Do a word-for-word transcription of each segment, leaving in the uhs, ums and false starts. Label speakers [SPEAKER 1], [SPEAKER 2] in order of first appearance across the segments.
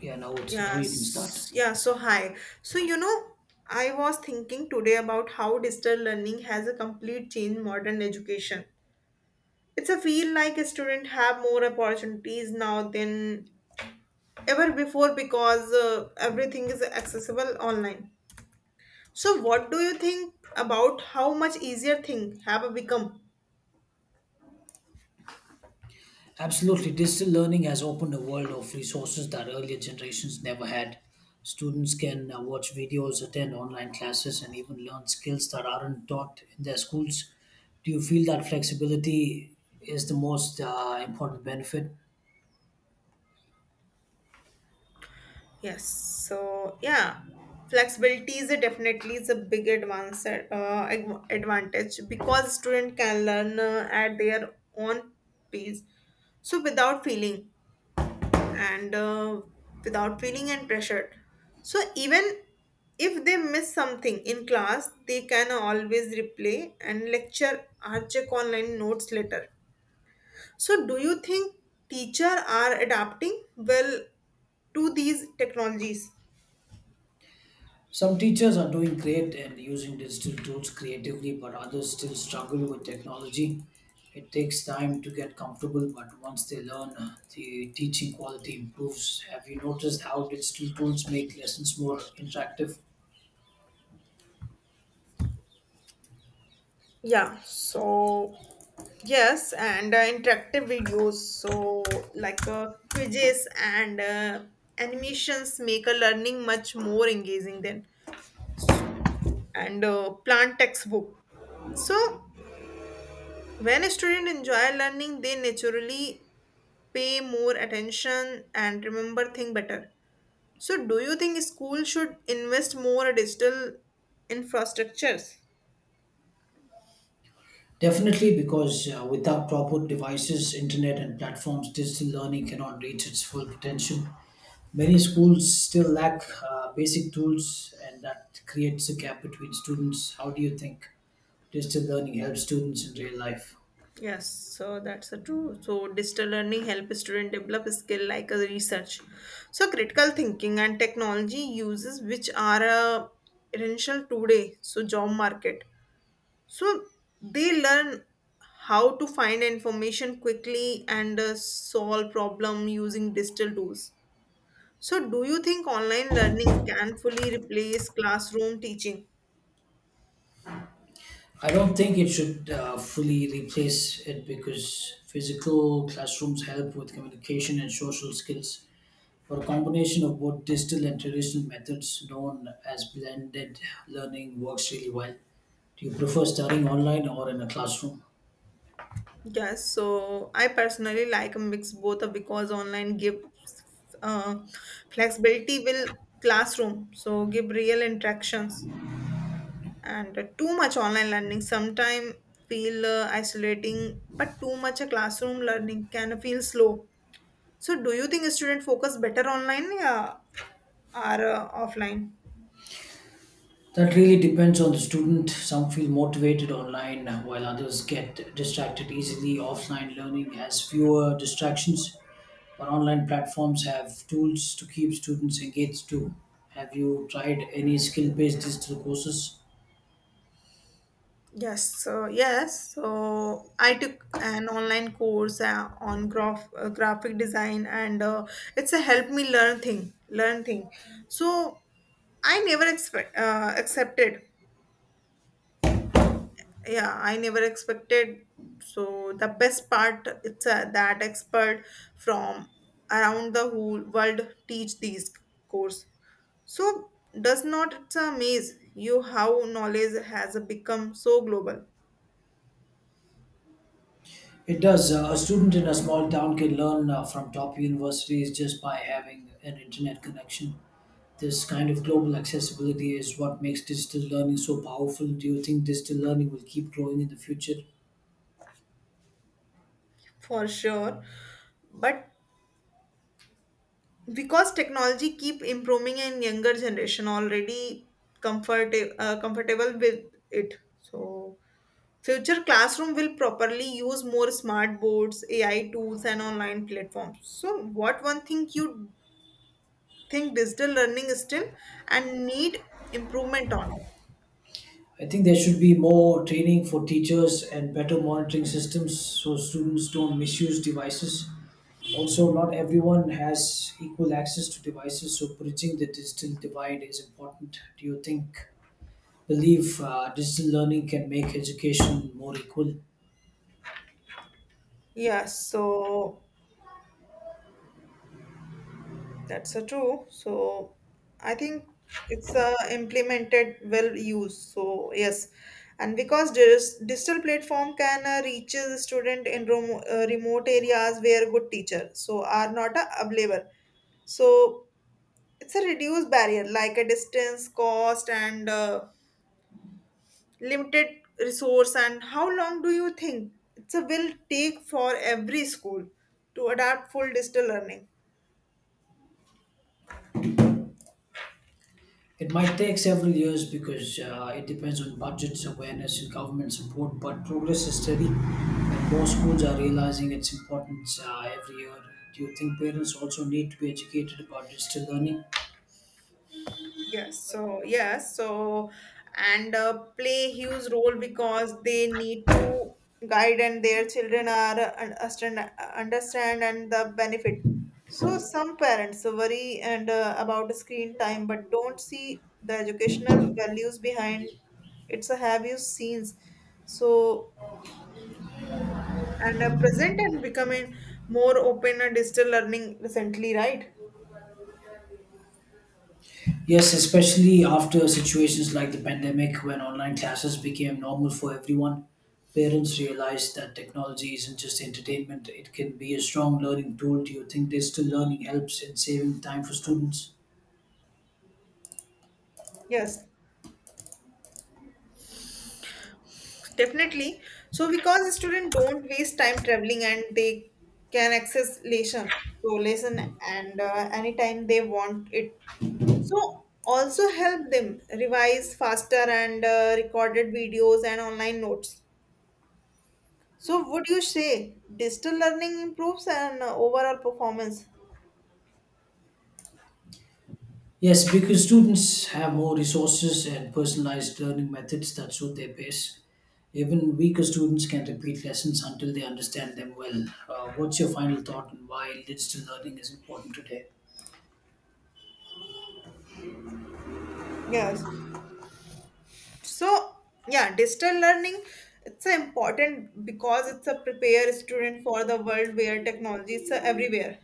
[SPEAKER 1] Yeah, now it's now you can start.
[SPEAKER 2] Yes, yeah, so hi. So, you know, I was thinking today about how digital learning has a complete change modern education. It's a feel like a student have more opportunities now than ever before because uh, everything is accessible online. So, what do you think about how much easier things have become?
[SPEAKER 1] Absolutely, digital learning has opened a world of resources that earlier generations never had. Students can uh, watch videos, attend online classes, and even learn skills that aren't taught in their schools. Do you feel that flexibility is the most uh, important benefit?
[SPEAKER 2] Yes. So yeah, flexibility is a definitely is a big advance uh, adv- advantage because student can learn uh, at their own pace. So without feeling and uh, without feeling and pressured. So even if they miss something in class, they can always replay and lecture or check online notes later. So do you think teacher are adapting well to these technologies?
[SPEAKER 1] Some teachers are doing great and using digital tools creatively, but others still struggle with technology. It takes time to get comfortable, but once they learn, uh, the teaching quality improves. Have you noticed how digital tools make lessons more interactive?
[SPEAKER 2] Yeah, so yes, and uh, interactive videos, so like uh, quizzes and uh, animations make a learning much more engaging than and uh, plant textbook. So when a student enjoy learning, they naturally pay more attention and remember things better. So do you think school should invest more in digital infrastructures?
[SPEAKER 1] Definitely, because uh, without proper devices, internet, and platforms, digital learning cannot reach its full potential. Many schools still lack uh, basic tools, and that creates a gap between students. How do you think? Distance learning helps students in real life.
[SPEAKER 2] Yes, so that's a true. So digital learning helps student develop skill like a research. So critical thinking and technology uses which are uh, essential today. So job market. So they learn how to find information quickly and uh, solve problem using digital tools. So do you think online learning can fully replace classroom teaching?
[SPEAKER 1] I don't think it should uh, fully replace it because physical classrooms help with communication and social skills. For a combination of both digital and traditional methods, known as blended learning, works really well. Do you prefer studying online or in a classroom?
[SPEAKER 2] Yes, so I personally like a mix both of because online gives uh, flexibility will classroom, so give real interactions and uh, too much online learning sometimes feel uh, isolating, but too much a classroom learning can feel slow. So do you think student focus better online, yeah, or uh, offline?
[SPEAKER 1] That really depends on the student. Some feel motivated online while others get distracted easily. Offline learning has fewer distractions, but online platforms have tools to keep students engaged too. Have you tried any skill based digital courses?
[SPEAKER 2] Yes, so yes, so I took an online course uh, on graph, uh, graphic design, and uh, it's a help me learn thing, learn thing. So I never expect uh, accepted. Yeah, I never expected. So the best part, it's uh, that expert from around the whole world teach these course. So does not it amaze you how knowledge has become so global?
[SPEAKER 1] It does. Uh, a student in a small town can learn uh, from top universities just by having an internet connection. This kind of global accessibility is what makes digital learning so powerful. Do you think digital learning will keep growing in the future?
[SPEAKER 2] For sure, but because technology keep improving and younger generation already comfort uh, comfortable with it, so future classroom will properly use more smart boards, ai tools, and online platforms. So what one thing you think digital learning is still and need improvement on?
[SPEAKER 1] I think there should be more training for teachers and better monitoring systems so students don't misuse devices. Also, not everyone has equal access to devices, so bridging the digital divide is important. Do you think, believe uh, digital learning can make education more equal?
[SPEAKER 2] Yes, so that's a true. So I think it's a implemented well use. So yes, and because dis- digital platform can uh, reach the student in remo- uh, remote areas where good teacher so are not uh, available. So it's a reduced barrier like a distance, cost, and uh, limited resource. And how long do you think it's a will take for every school to adapt full digital learning?
[SPEAKER 1] It might take several years because uh, it depends on budgets, awareness, and government support, but progress is steady, and more schools are realizing its importance uh, every year. Do you think parents also need to be educated about digital learning?
[SPEAKER 2] Yes, so yes, so and uh, play huge role because they need to guide and their children are uh, un- understand understand and the benefit. So some parents worry and uh, about screen time but don't see the educational values behind It's a have you seen so and uh, present and becoming more open and digital learning recently, right?
[SPEAKER 1] Yes, especially after situations like the pandemic when online classes became normal for everyone. Parents realized that technology isn't just entertainment, it can be a strong learning tool. Do you think digital learning helps in saving time for students?
[SPEAKER 2] Yes. Definitely. So because students don't waste time traveling and they can access lesson, so lesson and uh, anytime they want it. So also help them revise faster and uh, recorded videos and online notes. So would you say digital learning improves and uh, overall performance?
[SPEAKER 1] Yes, because students have more resources and personalized learning methods that suit their pace. Even weaker students can repeat lessons until they understand them well. Uh, what's your final thought on why digital learning is important today?
[SPEAKER 2] Yes. So, yeah, digital learning it's a important because it's a prepare student for the world where technology is uh, everywhere.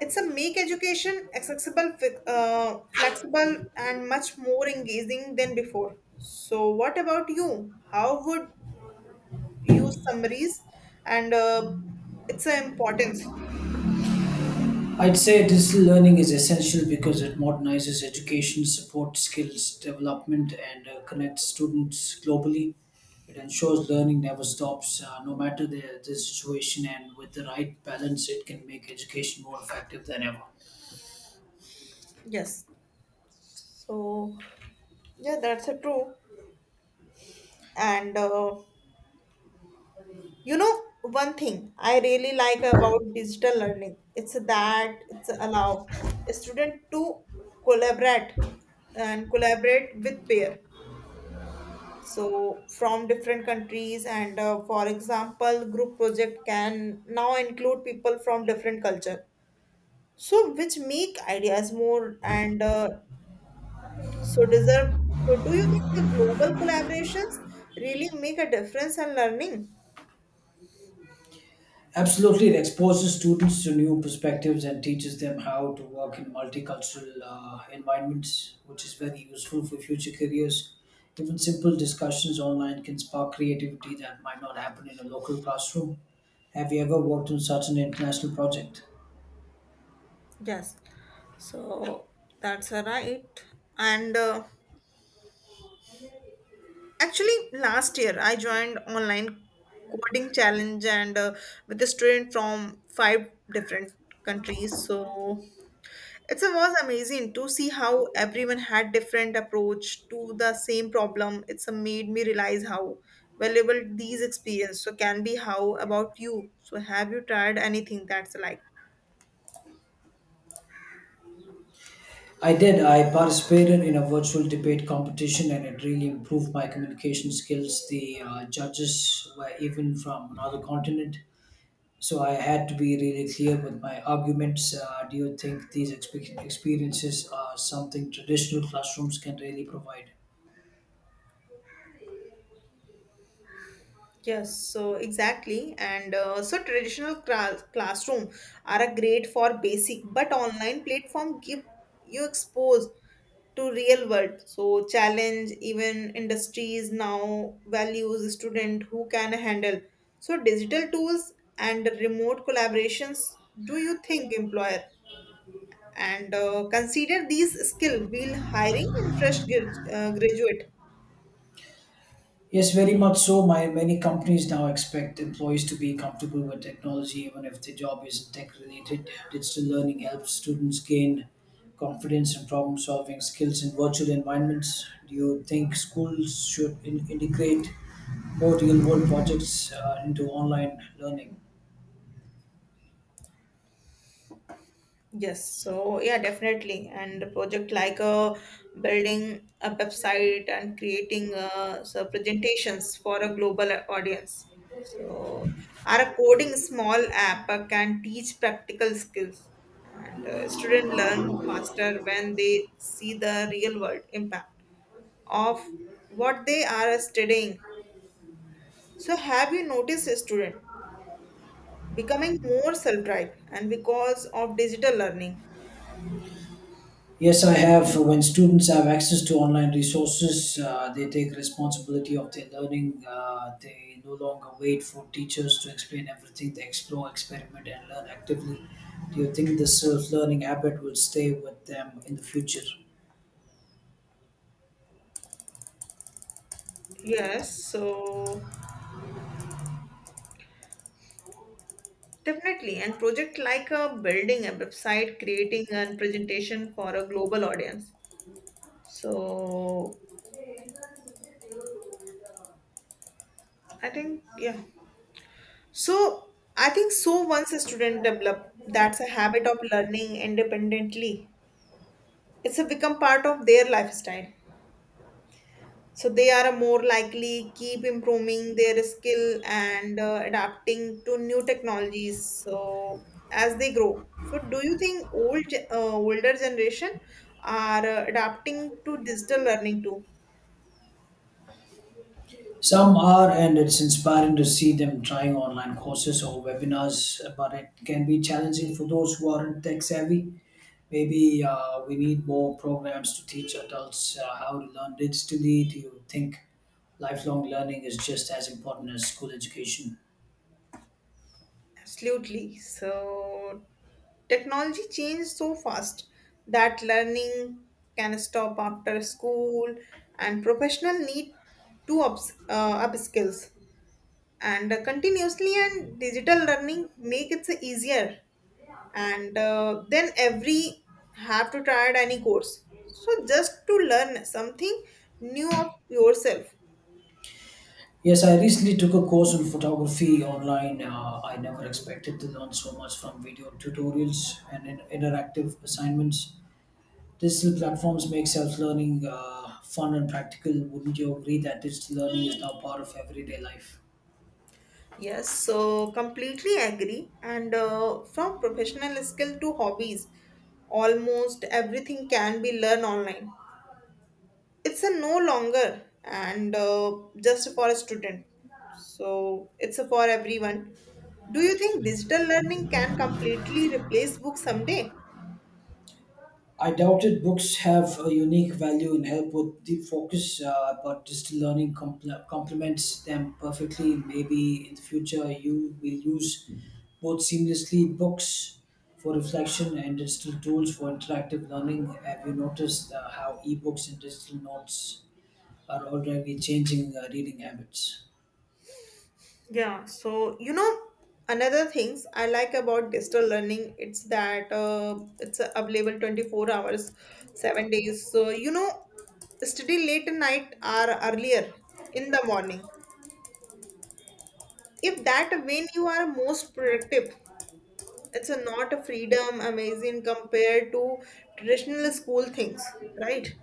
[SPEAKER 2] It's a make education accessible, fi- uh, flexible, and much more engaging than before. So, what about you? How would you summaries, and uh, its a importance?
[SPEAKER 1] I'd say digital learning is essential because it modernizes education, supports skills development, and uh, connects students globally. It ensures learning never stops, uh, no matter the, the situation, and with the right balance, it can make education more effective than ever.
[SPEAKER 2] Yes. So, yeah, that's a true. And uh, you know, one thing I really like about digital learning, it's that it's allow a student to collaborate and collaborate with peer so from different countries and uh, for example group project can now include people from different culture, so which make ideas more and uh, so deserve. So do you think the global collaborations really make a difference in learning?
[SPEAKER 1] Absolutely, it exposes students to new perspectives and teaches them how to work in multicultural uh, environments, which is very useful for future careers. Even simple discussions online can spark creativity that might not happen in a local classroom. Have you ever worked on such an international project?
[SPEAKER 2] Yes, so that's a right, and uh, actually last year I joined online coding challenge and uh, with a student from five different countries. So it was amazing to see how everyone had different approach to the same problem. It's a made me realize how valuable these experience so can be. How about you? So have you tried anything that's like?
[SPEAKER 1] I did. I participated in a virtual debate competition and it really improved my communication skills. The uh, judges were even from another continent, so I had to be really clear with my arguments. Uh, do you think these expe- experiences are something traditional classrooms can really provide?
[SPEAKER 2] Yes, so exactly. And uh, so traditional cra- classroom are a great for basic, but online platform give you exposed to real world. So challenge even industries now values student who can handle. So digital tools and remote collaborations, do you think employer and uh, consider these skill while hiring and fresh grad- uh, graduate?
[SPEAKER 1] Yes, very much so. My many companies now expect employees to be comfortable with technology, even if their job isn't tech related. Digital learning helps students gain confidence and problem solving skills in virtual environments. Do you think schools should in- integrate more real world projects uh, into online learning?
[SPEAKER 2] Yes, so yeah, definitely. And a project like uh, building a website and creating uh, so presentations for a global audience. So, our coding small app uh, can teach practical skills, and uh, students learn faster when they see the real world impact of what they are studying. So, have you noticed a student becoming more self-drive and because of digital learning?
[SPEAKER 1] Yes, I have. When students have access to online resources, uh, they take responsibility of their learning. Uh, they no longer wait for teachers to explain everything. They explore, experiment, and learn actively. Do you think this self-learning habit will stay with them in the future?
[SPEAKER 2] Yes, so definitely, and project like a building a website, creating a presentation for a global audience. So I think yeah. So I think so once a student develop that's a habit of learning independently, it's a become part of their lifestyle. So they are more likely keep improving their skill and uh, adapting to new technologies. So as they grow, so do you think old ge- uh, older generation are uh, adapting to digital learning too?
[SPEAKER 1] Some are, and it's inspiring to see them trying online courses or webinars, but it can be challenging for those who aren't tech savvy. Maybe uh, we need more programs to teach adults uh, how to learn digitally. Do you think lifelong learning is just as important as school education.
[SPEAKER 2] Absolutely. So technology changed so fast that learning can stop after school and professional need to ups, uh, up skills and uh, continuously, and digital learning make it easier, and uh, then every have to try it any course so just to learn something new of yourself.
[SPEAKER 1] Yes, I recently took a course on photography online. Uh, I never expected to learn so much from video tutorials and in- interactive assignments. Digital platforms make self learning uh, fun and practical. Wouldn't you agree that digital learning is now part of everyday life?
[SPEAKER 2] Yes, so completely agree, and uh, from professional skill to hobbies almost everything can be learned online. It's a no longer and uh, just for a student, so it's a for everyone. Do you think digital learning can completely replace books someday?
[SPEAKER 1] I doubted books have a unique value and help with deep focus, uh, but digital learning compl- complements them perfectly. Maybe in the future you will use both seamlessly books for reflection and digital tools for interactive learning. Have you noticed uh, how ebooks and digital notes are already changing uh, reading habits?
[SPEAKER 2] Yeah, so you know another things I like about digital learning, it's that uh, it's available twenty-four hours, seven days, so, you know study late at night or earlier in the morning if that when you are most productive. It's a not a freedom amazing compared to traditional school things, right?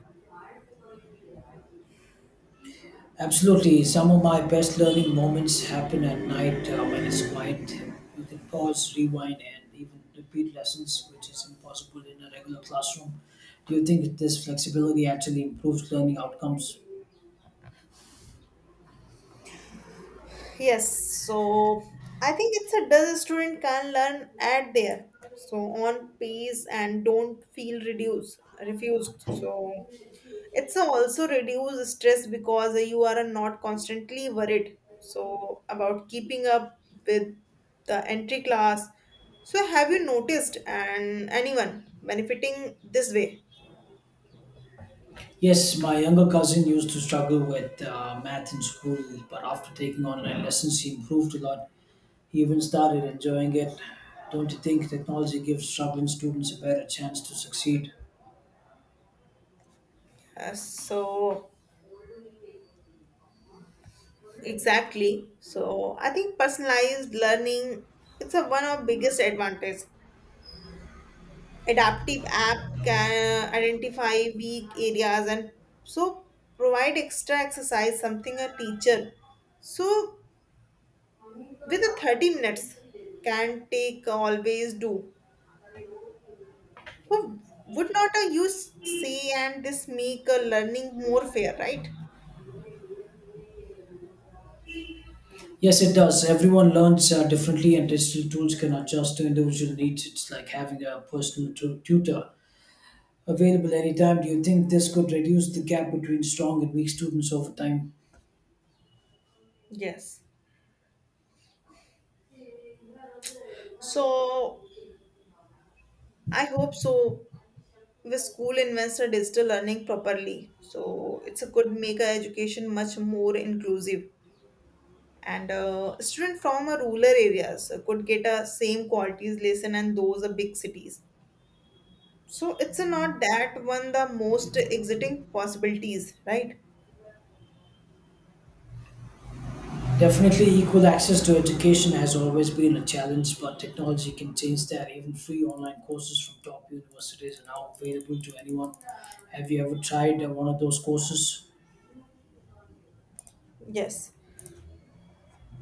[SPEAKER 1] Absolutely. Some of my best learning moments happen at night uh, when it's quiet. You can pause, rewind, and even repeat lessons, which is impossible in a regular classroom. Do you think this flexibility actually improves learning outcomes?
[SPEAKER 2] Yes, so I think it's a does a student can learn at there. So on pace and don't feel reduced, refused. So it's a also reduce stress because you are not constantly worried. So about keeping up with the entry class. So have you noticed and anyone benefiting this way?
[SPEAKER 1] Yes, my younger cousin used to struggle with uh, math in school, but after taking online lessons, he improved a lot. He even started enjoying it. Don't you think technology gives struggling students a better chance to succeed?
[SPEAKER 2] Uh, so exactly. So I think personalized learning it's a one of biggest advantage. Adaptive app can identify weak areas and so provide extra exercise, something a teacher so with the thirty minutes can take always do. So would not a use say and this make a learning more fair, right?
[SPEAKER 1] Yes, it does. Everyone learns uh, differently, and digital tools can adjust to individual needs. It's like having a personal tu- tutor available anytime. Do you think this could reduce the gap between strong and weak students over time?
[SPEAKER 2] Yes. So I hope so the school invests in digital learning properly so it's a good make our education much more inclusive, and uh, students from a rural areas uh, could get a same qualities lesson and those are big cities, so it's a not that one the most exciting possibilities, right?
[SPEAKER 1] Definitely, equal access to education has always been a challenge, but technology can change that. Even free online courses from top universities are now available to anyone. Have you ever tried uh, one of those courses?
[SPEAKER 2] Yes,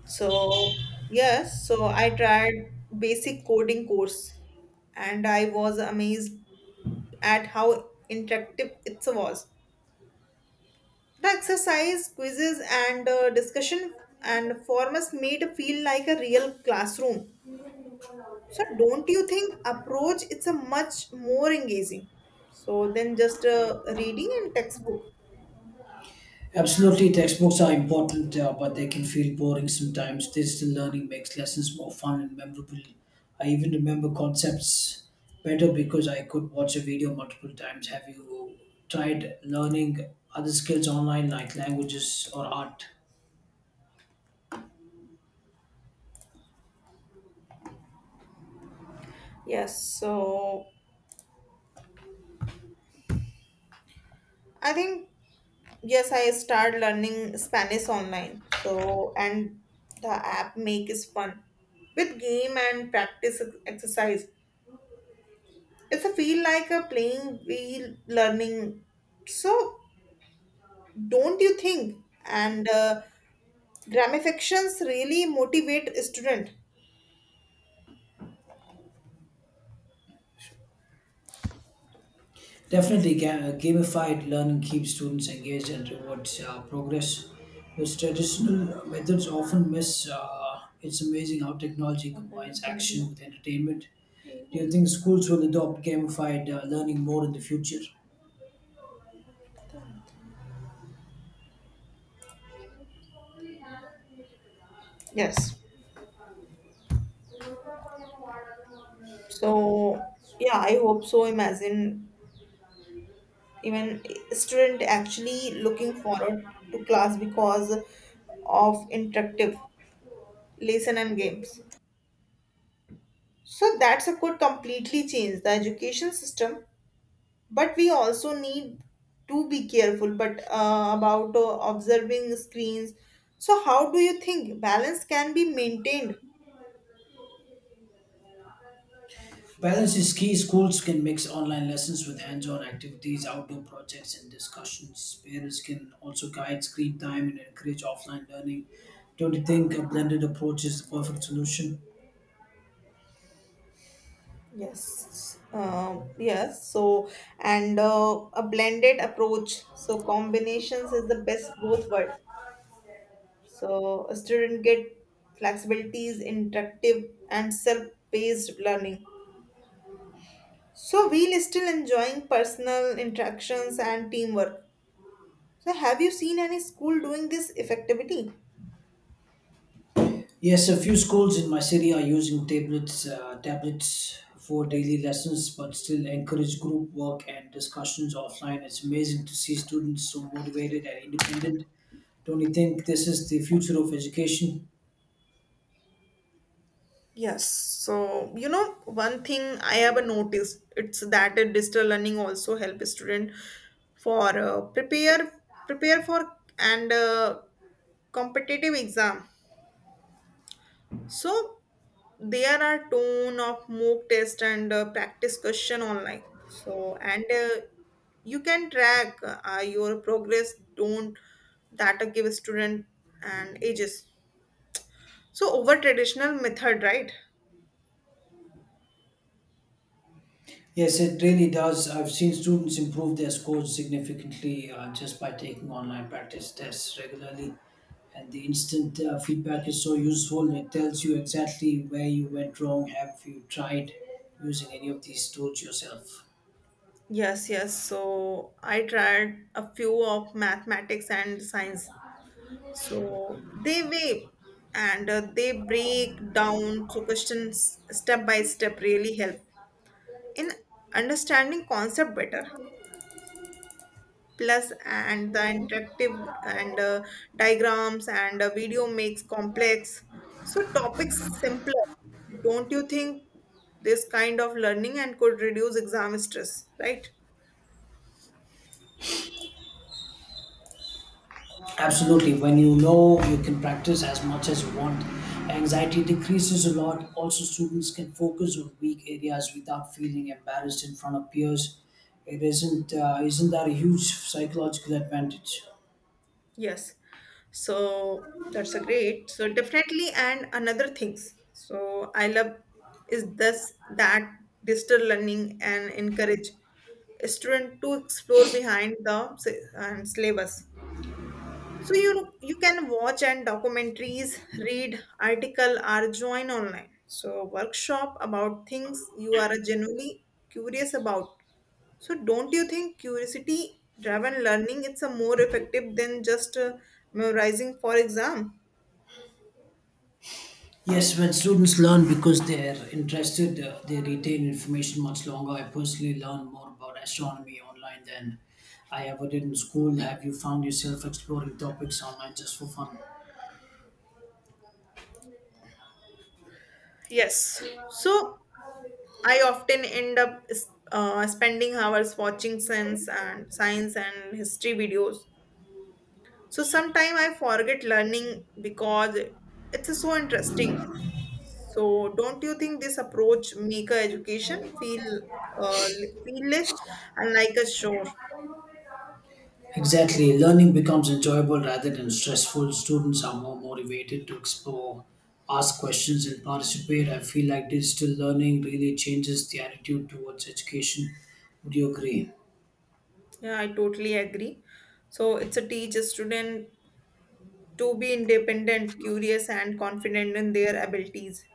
[SPEAKER 2] so yes, so I tried basic coding course and I was amazed at how interactive it was. The exercise, quizzes, and uh, discussion and formats made it feel like a real classroom. So, don't you think approach it's a much more engaging? So, than just uh, reading and textbook.
[SPEAKER 1] Absolutely, textbooks are important, uh, but they can feel boring sometimes. Digital learning makes lessons more fun and memorable. I even remember concepts better because I could watch a video multiple times. Have you tried learning other skills online, like languages or art?
[SPEAKER 2] Yes, so I think yes, I start learning Spanish online. So, and the app make is fun with game and practice ex- exercise. It's a feel like a playing wheel learning. So don't you think and uh, gamifications really motivate student?
[SPEAKER 1] Definitely, ga- gamified learning keeps students engaged and rewards uh, progress, which traditional methods often miss. Uh, it's amazing how technology combines action with entertainment. Do you think schools will adopt gamified uh, learning more in the future?
[SPEAKER 2] Yes, so yeah, I hope so. Imagine even student actually looking forward to class because of interactive lesson and games, so that's a could completely change the education system. But we also need to be careful but uh, about uh, observing screens. So how do you think balance can be maintained?
[SPEAKER 1] Balance is key. Schools can mix online lessons with hands on activities, outdoor projects, and discussions. Parents can also guide screen time and encourage offline learning. Don't you think a blended approach is the perfect solution?
[SPEAKER 2] Yes, uh, yes, so and uh, a blended approach so combinations is the best both world, so a student get flexibilities interactive and self-paced learning, so we'll still enjoying personal interactions and teamwork. So have you seen any school doing this effectively?
[SPEAKER 1] Yes, a few schools in my city are using tablets, uh, tablets for
[SPEAKER 2] Yes.
[SPEAKER 1] daily lessons, but still encourage group work and discussions offline. It's amazing to see students so motivated and independent. Don't you think this is the future of education?
[SPEAKER 2] Yes. So, you know, one thing I have noticed, it's that a digital learning also help student for uh, prepare prepare for and uh, competitive exam. So, there are tone of mock test and uh, practice question online. So, and uh, you can track uh, your progress. Don't that uh, give student and ages. So, over traditional method, right?
[SPEAKER 1] Yes, it really does. I've seen students improve their scores significantly uh, just by taking online practice tests regularly. And the instant uh, feedback is so useful. It tells you exactly where you went wrong. Have you tried using any of these tools yourself?
[SPEAKER 2] Yes, yes. So I tried a few of mathematics and science. So they weigh and uh, they break down so questions step by step really help in understanding concept better. Plus, and the interactive and uh, diagrams and uh, video makes complex so topics simpler. Don't you think this kind of learning and could reduce exam stress, right?
[SPEAKER 1] Absolutely. When you know you can practice as much as you want, anxiety decreases a lot. Also, students can focus on weak areas without feeling embarrassed in front of peers. It isn't uh, isn't that a huge psychological advantage?
[SPEAKER 2] Yes. So that's a great. So definitely and another things. So I love is this that digital learning and encourage student to explore behind the sy- and syllabus. So you know, you can watch and documentaries, read article or join online. So workshop about things you are genuinely curious about. So don't you think curiosity driven learning it's a more effective than just uh, memorizing for exam?
[SPEAKER 1] Yes, when students learn because they're interested, uh, they retain information much longer. I personally learn more about astronomy online than I ever did in school. Have you found yourself exploring topics online just for fun?
[SPEAKER 2] Yes. So I often end up uh, spending hours watching science and science and history videos. So sometimes I forget learning because it's so interesting. So don't you think this approach make a education feel uh, feel less and like a chore?
[SPEAKER 1] Exactly. Learning becomes enjoyable rather than stressful. Students are more motivated to explore, ask questions, and participate. I feel like digital learning really changes the attitude towards education. Would you agree?
[SPEAKER 2] Yeah, I totally agree. So it's a teach a student to be independent, curious, and confident in their abilities.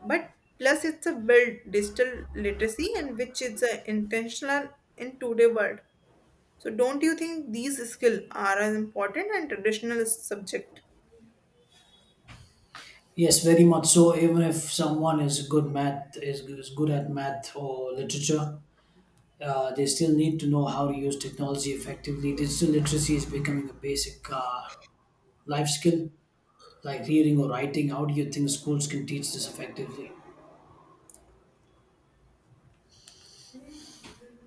[SPEAKER 2] But plus, it's a build digital literacy, and which is a intentional in today world. So, don't you think these skills are as important and traditional subject?
[SPEAKER 1] Yes, very much so. Even if someone is good math is, is good at math or literature, uh, they still need to know how to use technology effectively. Digital literacy is becoming a basic uh, life skill, like reading or writing. How do you think schools can teach this effectively?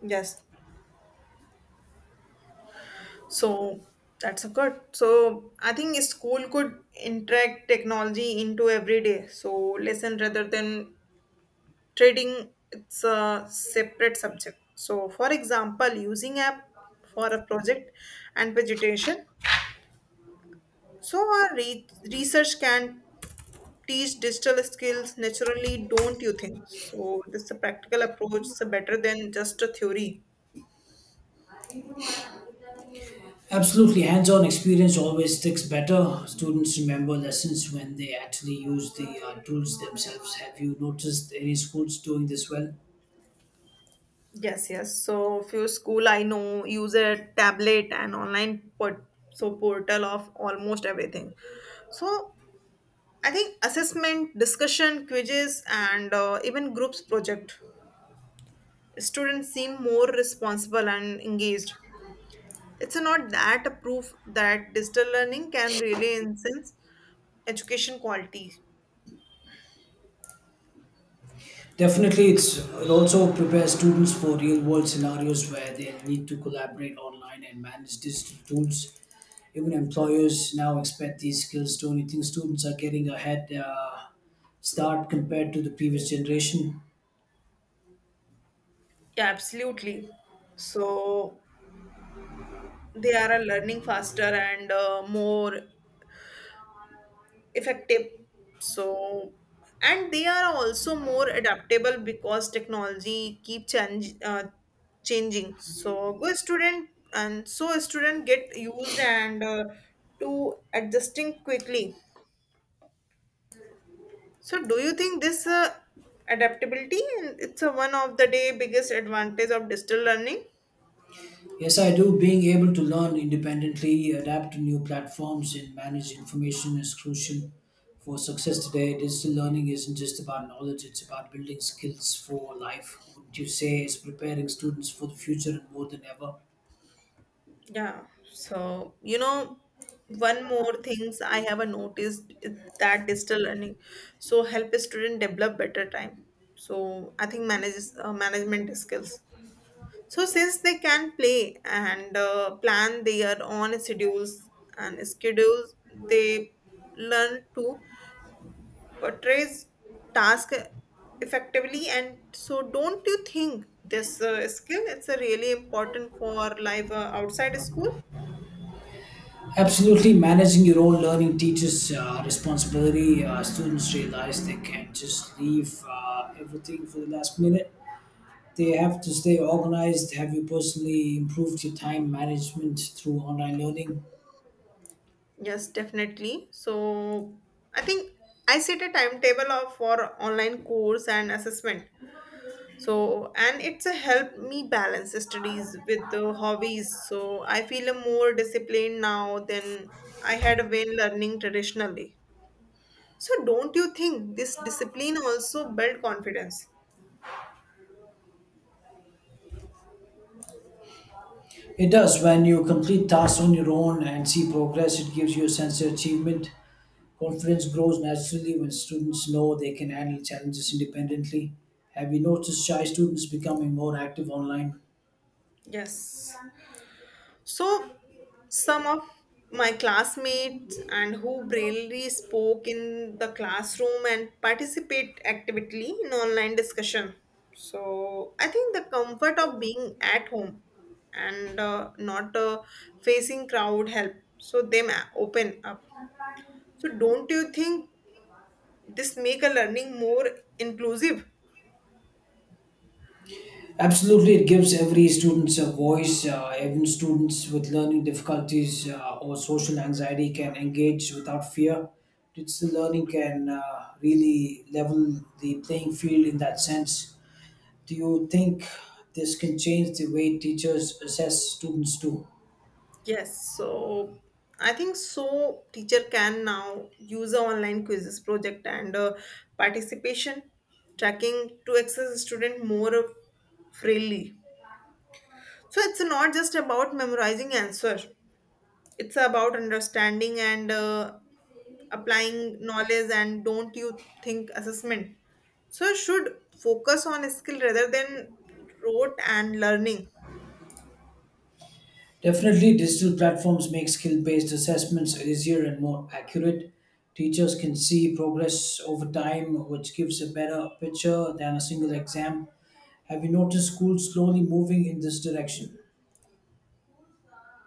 [SPEAKER 2] Yes. So that's a good. So I think a school could interact technology into every day. So lesson rather than trading it's a separate subject so for example using app for a project and vegetation so our re- research can teach digital skills naturally don't you think so this a practical approach is better than just a theory.
[SPEAKER 1] Absolutely, hands-on experience always sticks better. Students remember lessons when they actually use the uh, tools themselves. Have you noticed any schools doing this well?
[SPEAKER 2] Yes, yes. So few school I know use a tablet and online port so portal of almost everything. So I think assessment, discussion, quizzes, and uh, even groups project. Students seem more responsible and engaged. It's not that a proof that digital learning can really enhance education quality.
[SPEAKER 1] Definitely, it's it also prepares students for real-world scenarios where they need to collaborate online and manage digital tools. Even employers now expect these skills. Don't you think students are getting a head uh, start compared to the previous generation?
[SPEAKER 2] Yeah, absolutely. So they are uh, learning faster and uh, more effective. So and they are also more adaptable because technology keep change, uh, changing. So good student and so a student get used and uh, to adjusting quickly. So, do you think this uh, adaptability and it's a one of the day biggest advantage of digital learning?
[SPEAKER 1] Yes, I do. Being able to learn independently, adapt to new platforms, and manage information is crucial for success today. Digital learning isn't just about knowledge; it's about building skills for life. Wouldn't you say it's preparing students for the future and more than ever?
[SPEAKER 2] Yeah. So, you know, one more things I have a noticed is that digital learning so help a student develop better time. So, I think manages uh, management skills. So, since they can play and uh, plan their own schedules and schedules, they learn to portrays task effectively and so don't you think this uh, skill it's a really important for life uh, outside school.
[SPEAKER 1] Absolutely, managing your own learning teaches uh, responsibility. Uh, students realize they can't just leave uh, everything for the last minute. They have to stay organized. Have you personally improved your time management through online learning?
[SPEAKER 2] Yes definitely so I think I set a timetable of for online course and assessment so and it's a help me balance studies with the hobbies so I feel a more disciplined now than I had been learning traditionally so don't you think this discipline also build confidence.
[SPEAKER 1] It does. When you complete tasks on your own and see progress, it gives you a sense of achievement. Confidence grows naturally when students know they can handle challenges independently. Have you noticed shy students becoming more active online?
[SPEAKER 2] Yes. So, some of my classmates and who bravely spoke in the classroom and participate actively in online discussion. So, I think the comfort of being at home and uh, not uh, facing crowd help. So, them open up. So, don't you think this make a learning more inclusive?
[SPEAKER 1] Absolutely, it gives every students a voice. Uh, even students with learning difficulties uh, or social anxiety can engage without fear. Digital learning can uh, really level the playing field in that sense. Do you think this can change the way teachers assess students too?
[SPEAKER 2] Yes, so I think so teacher can now use a online quizzes project and uh, participation tracking to access student more freely. So it's not just about memorizing answer. It's about understanding and uh, applying knowledge and don't you think assessment. So should focus on skill rather than rote and learning.
[SPEAKER 1] Definitely, digital platforms make skill based assessments easier and more accurate. Teachers can see progress over time, which gives a better picture than a single exam. Have you noticed schools slowly moving in this direction?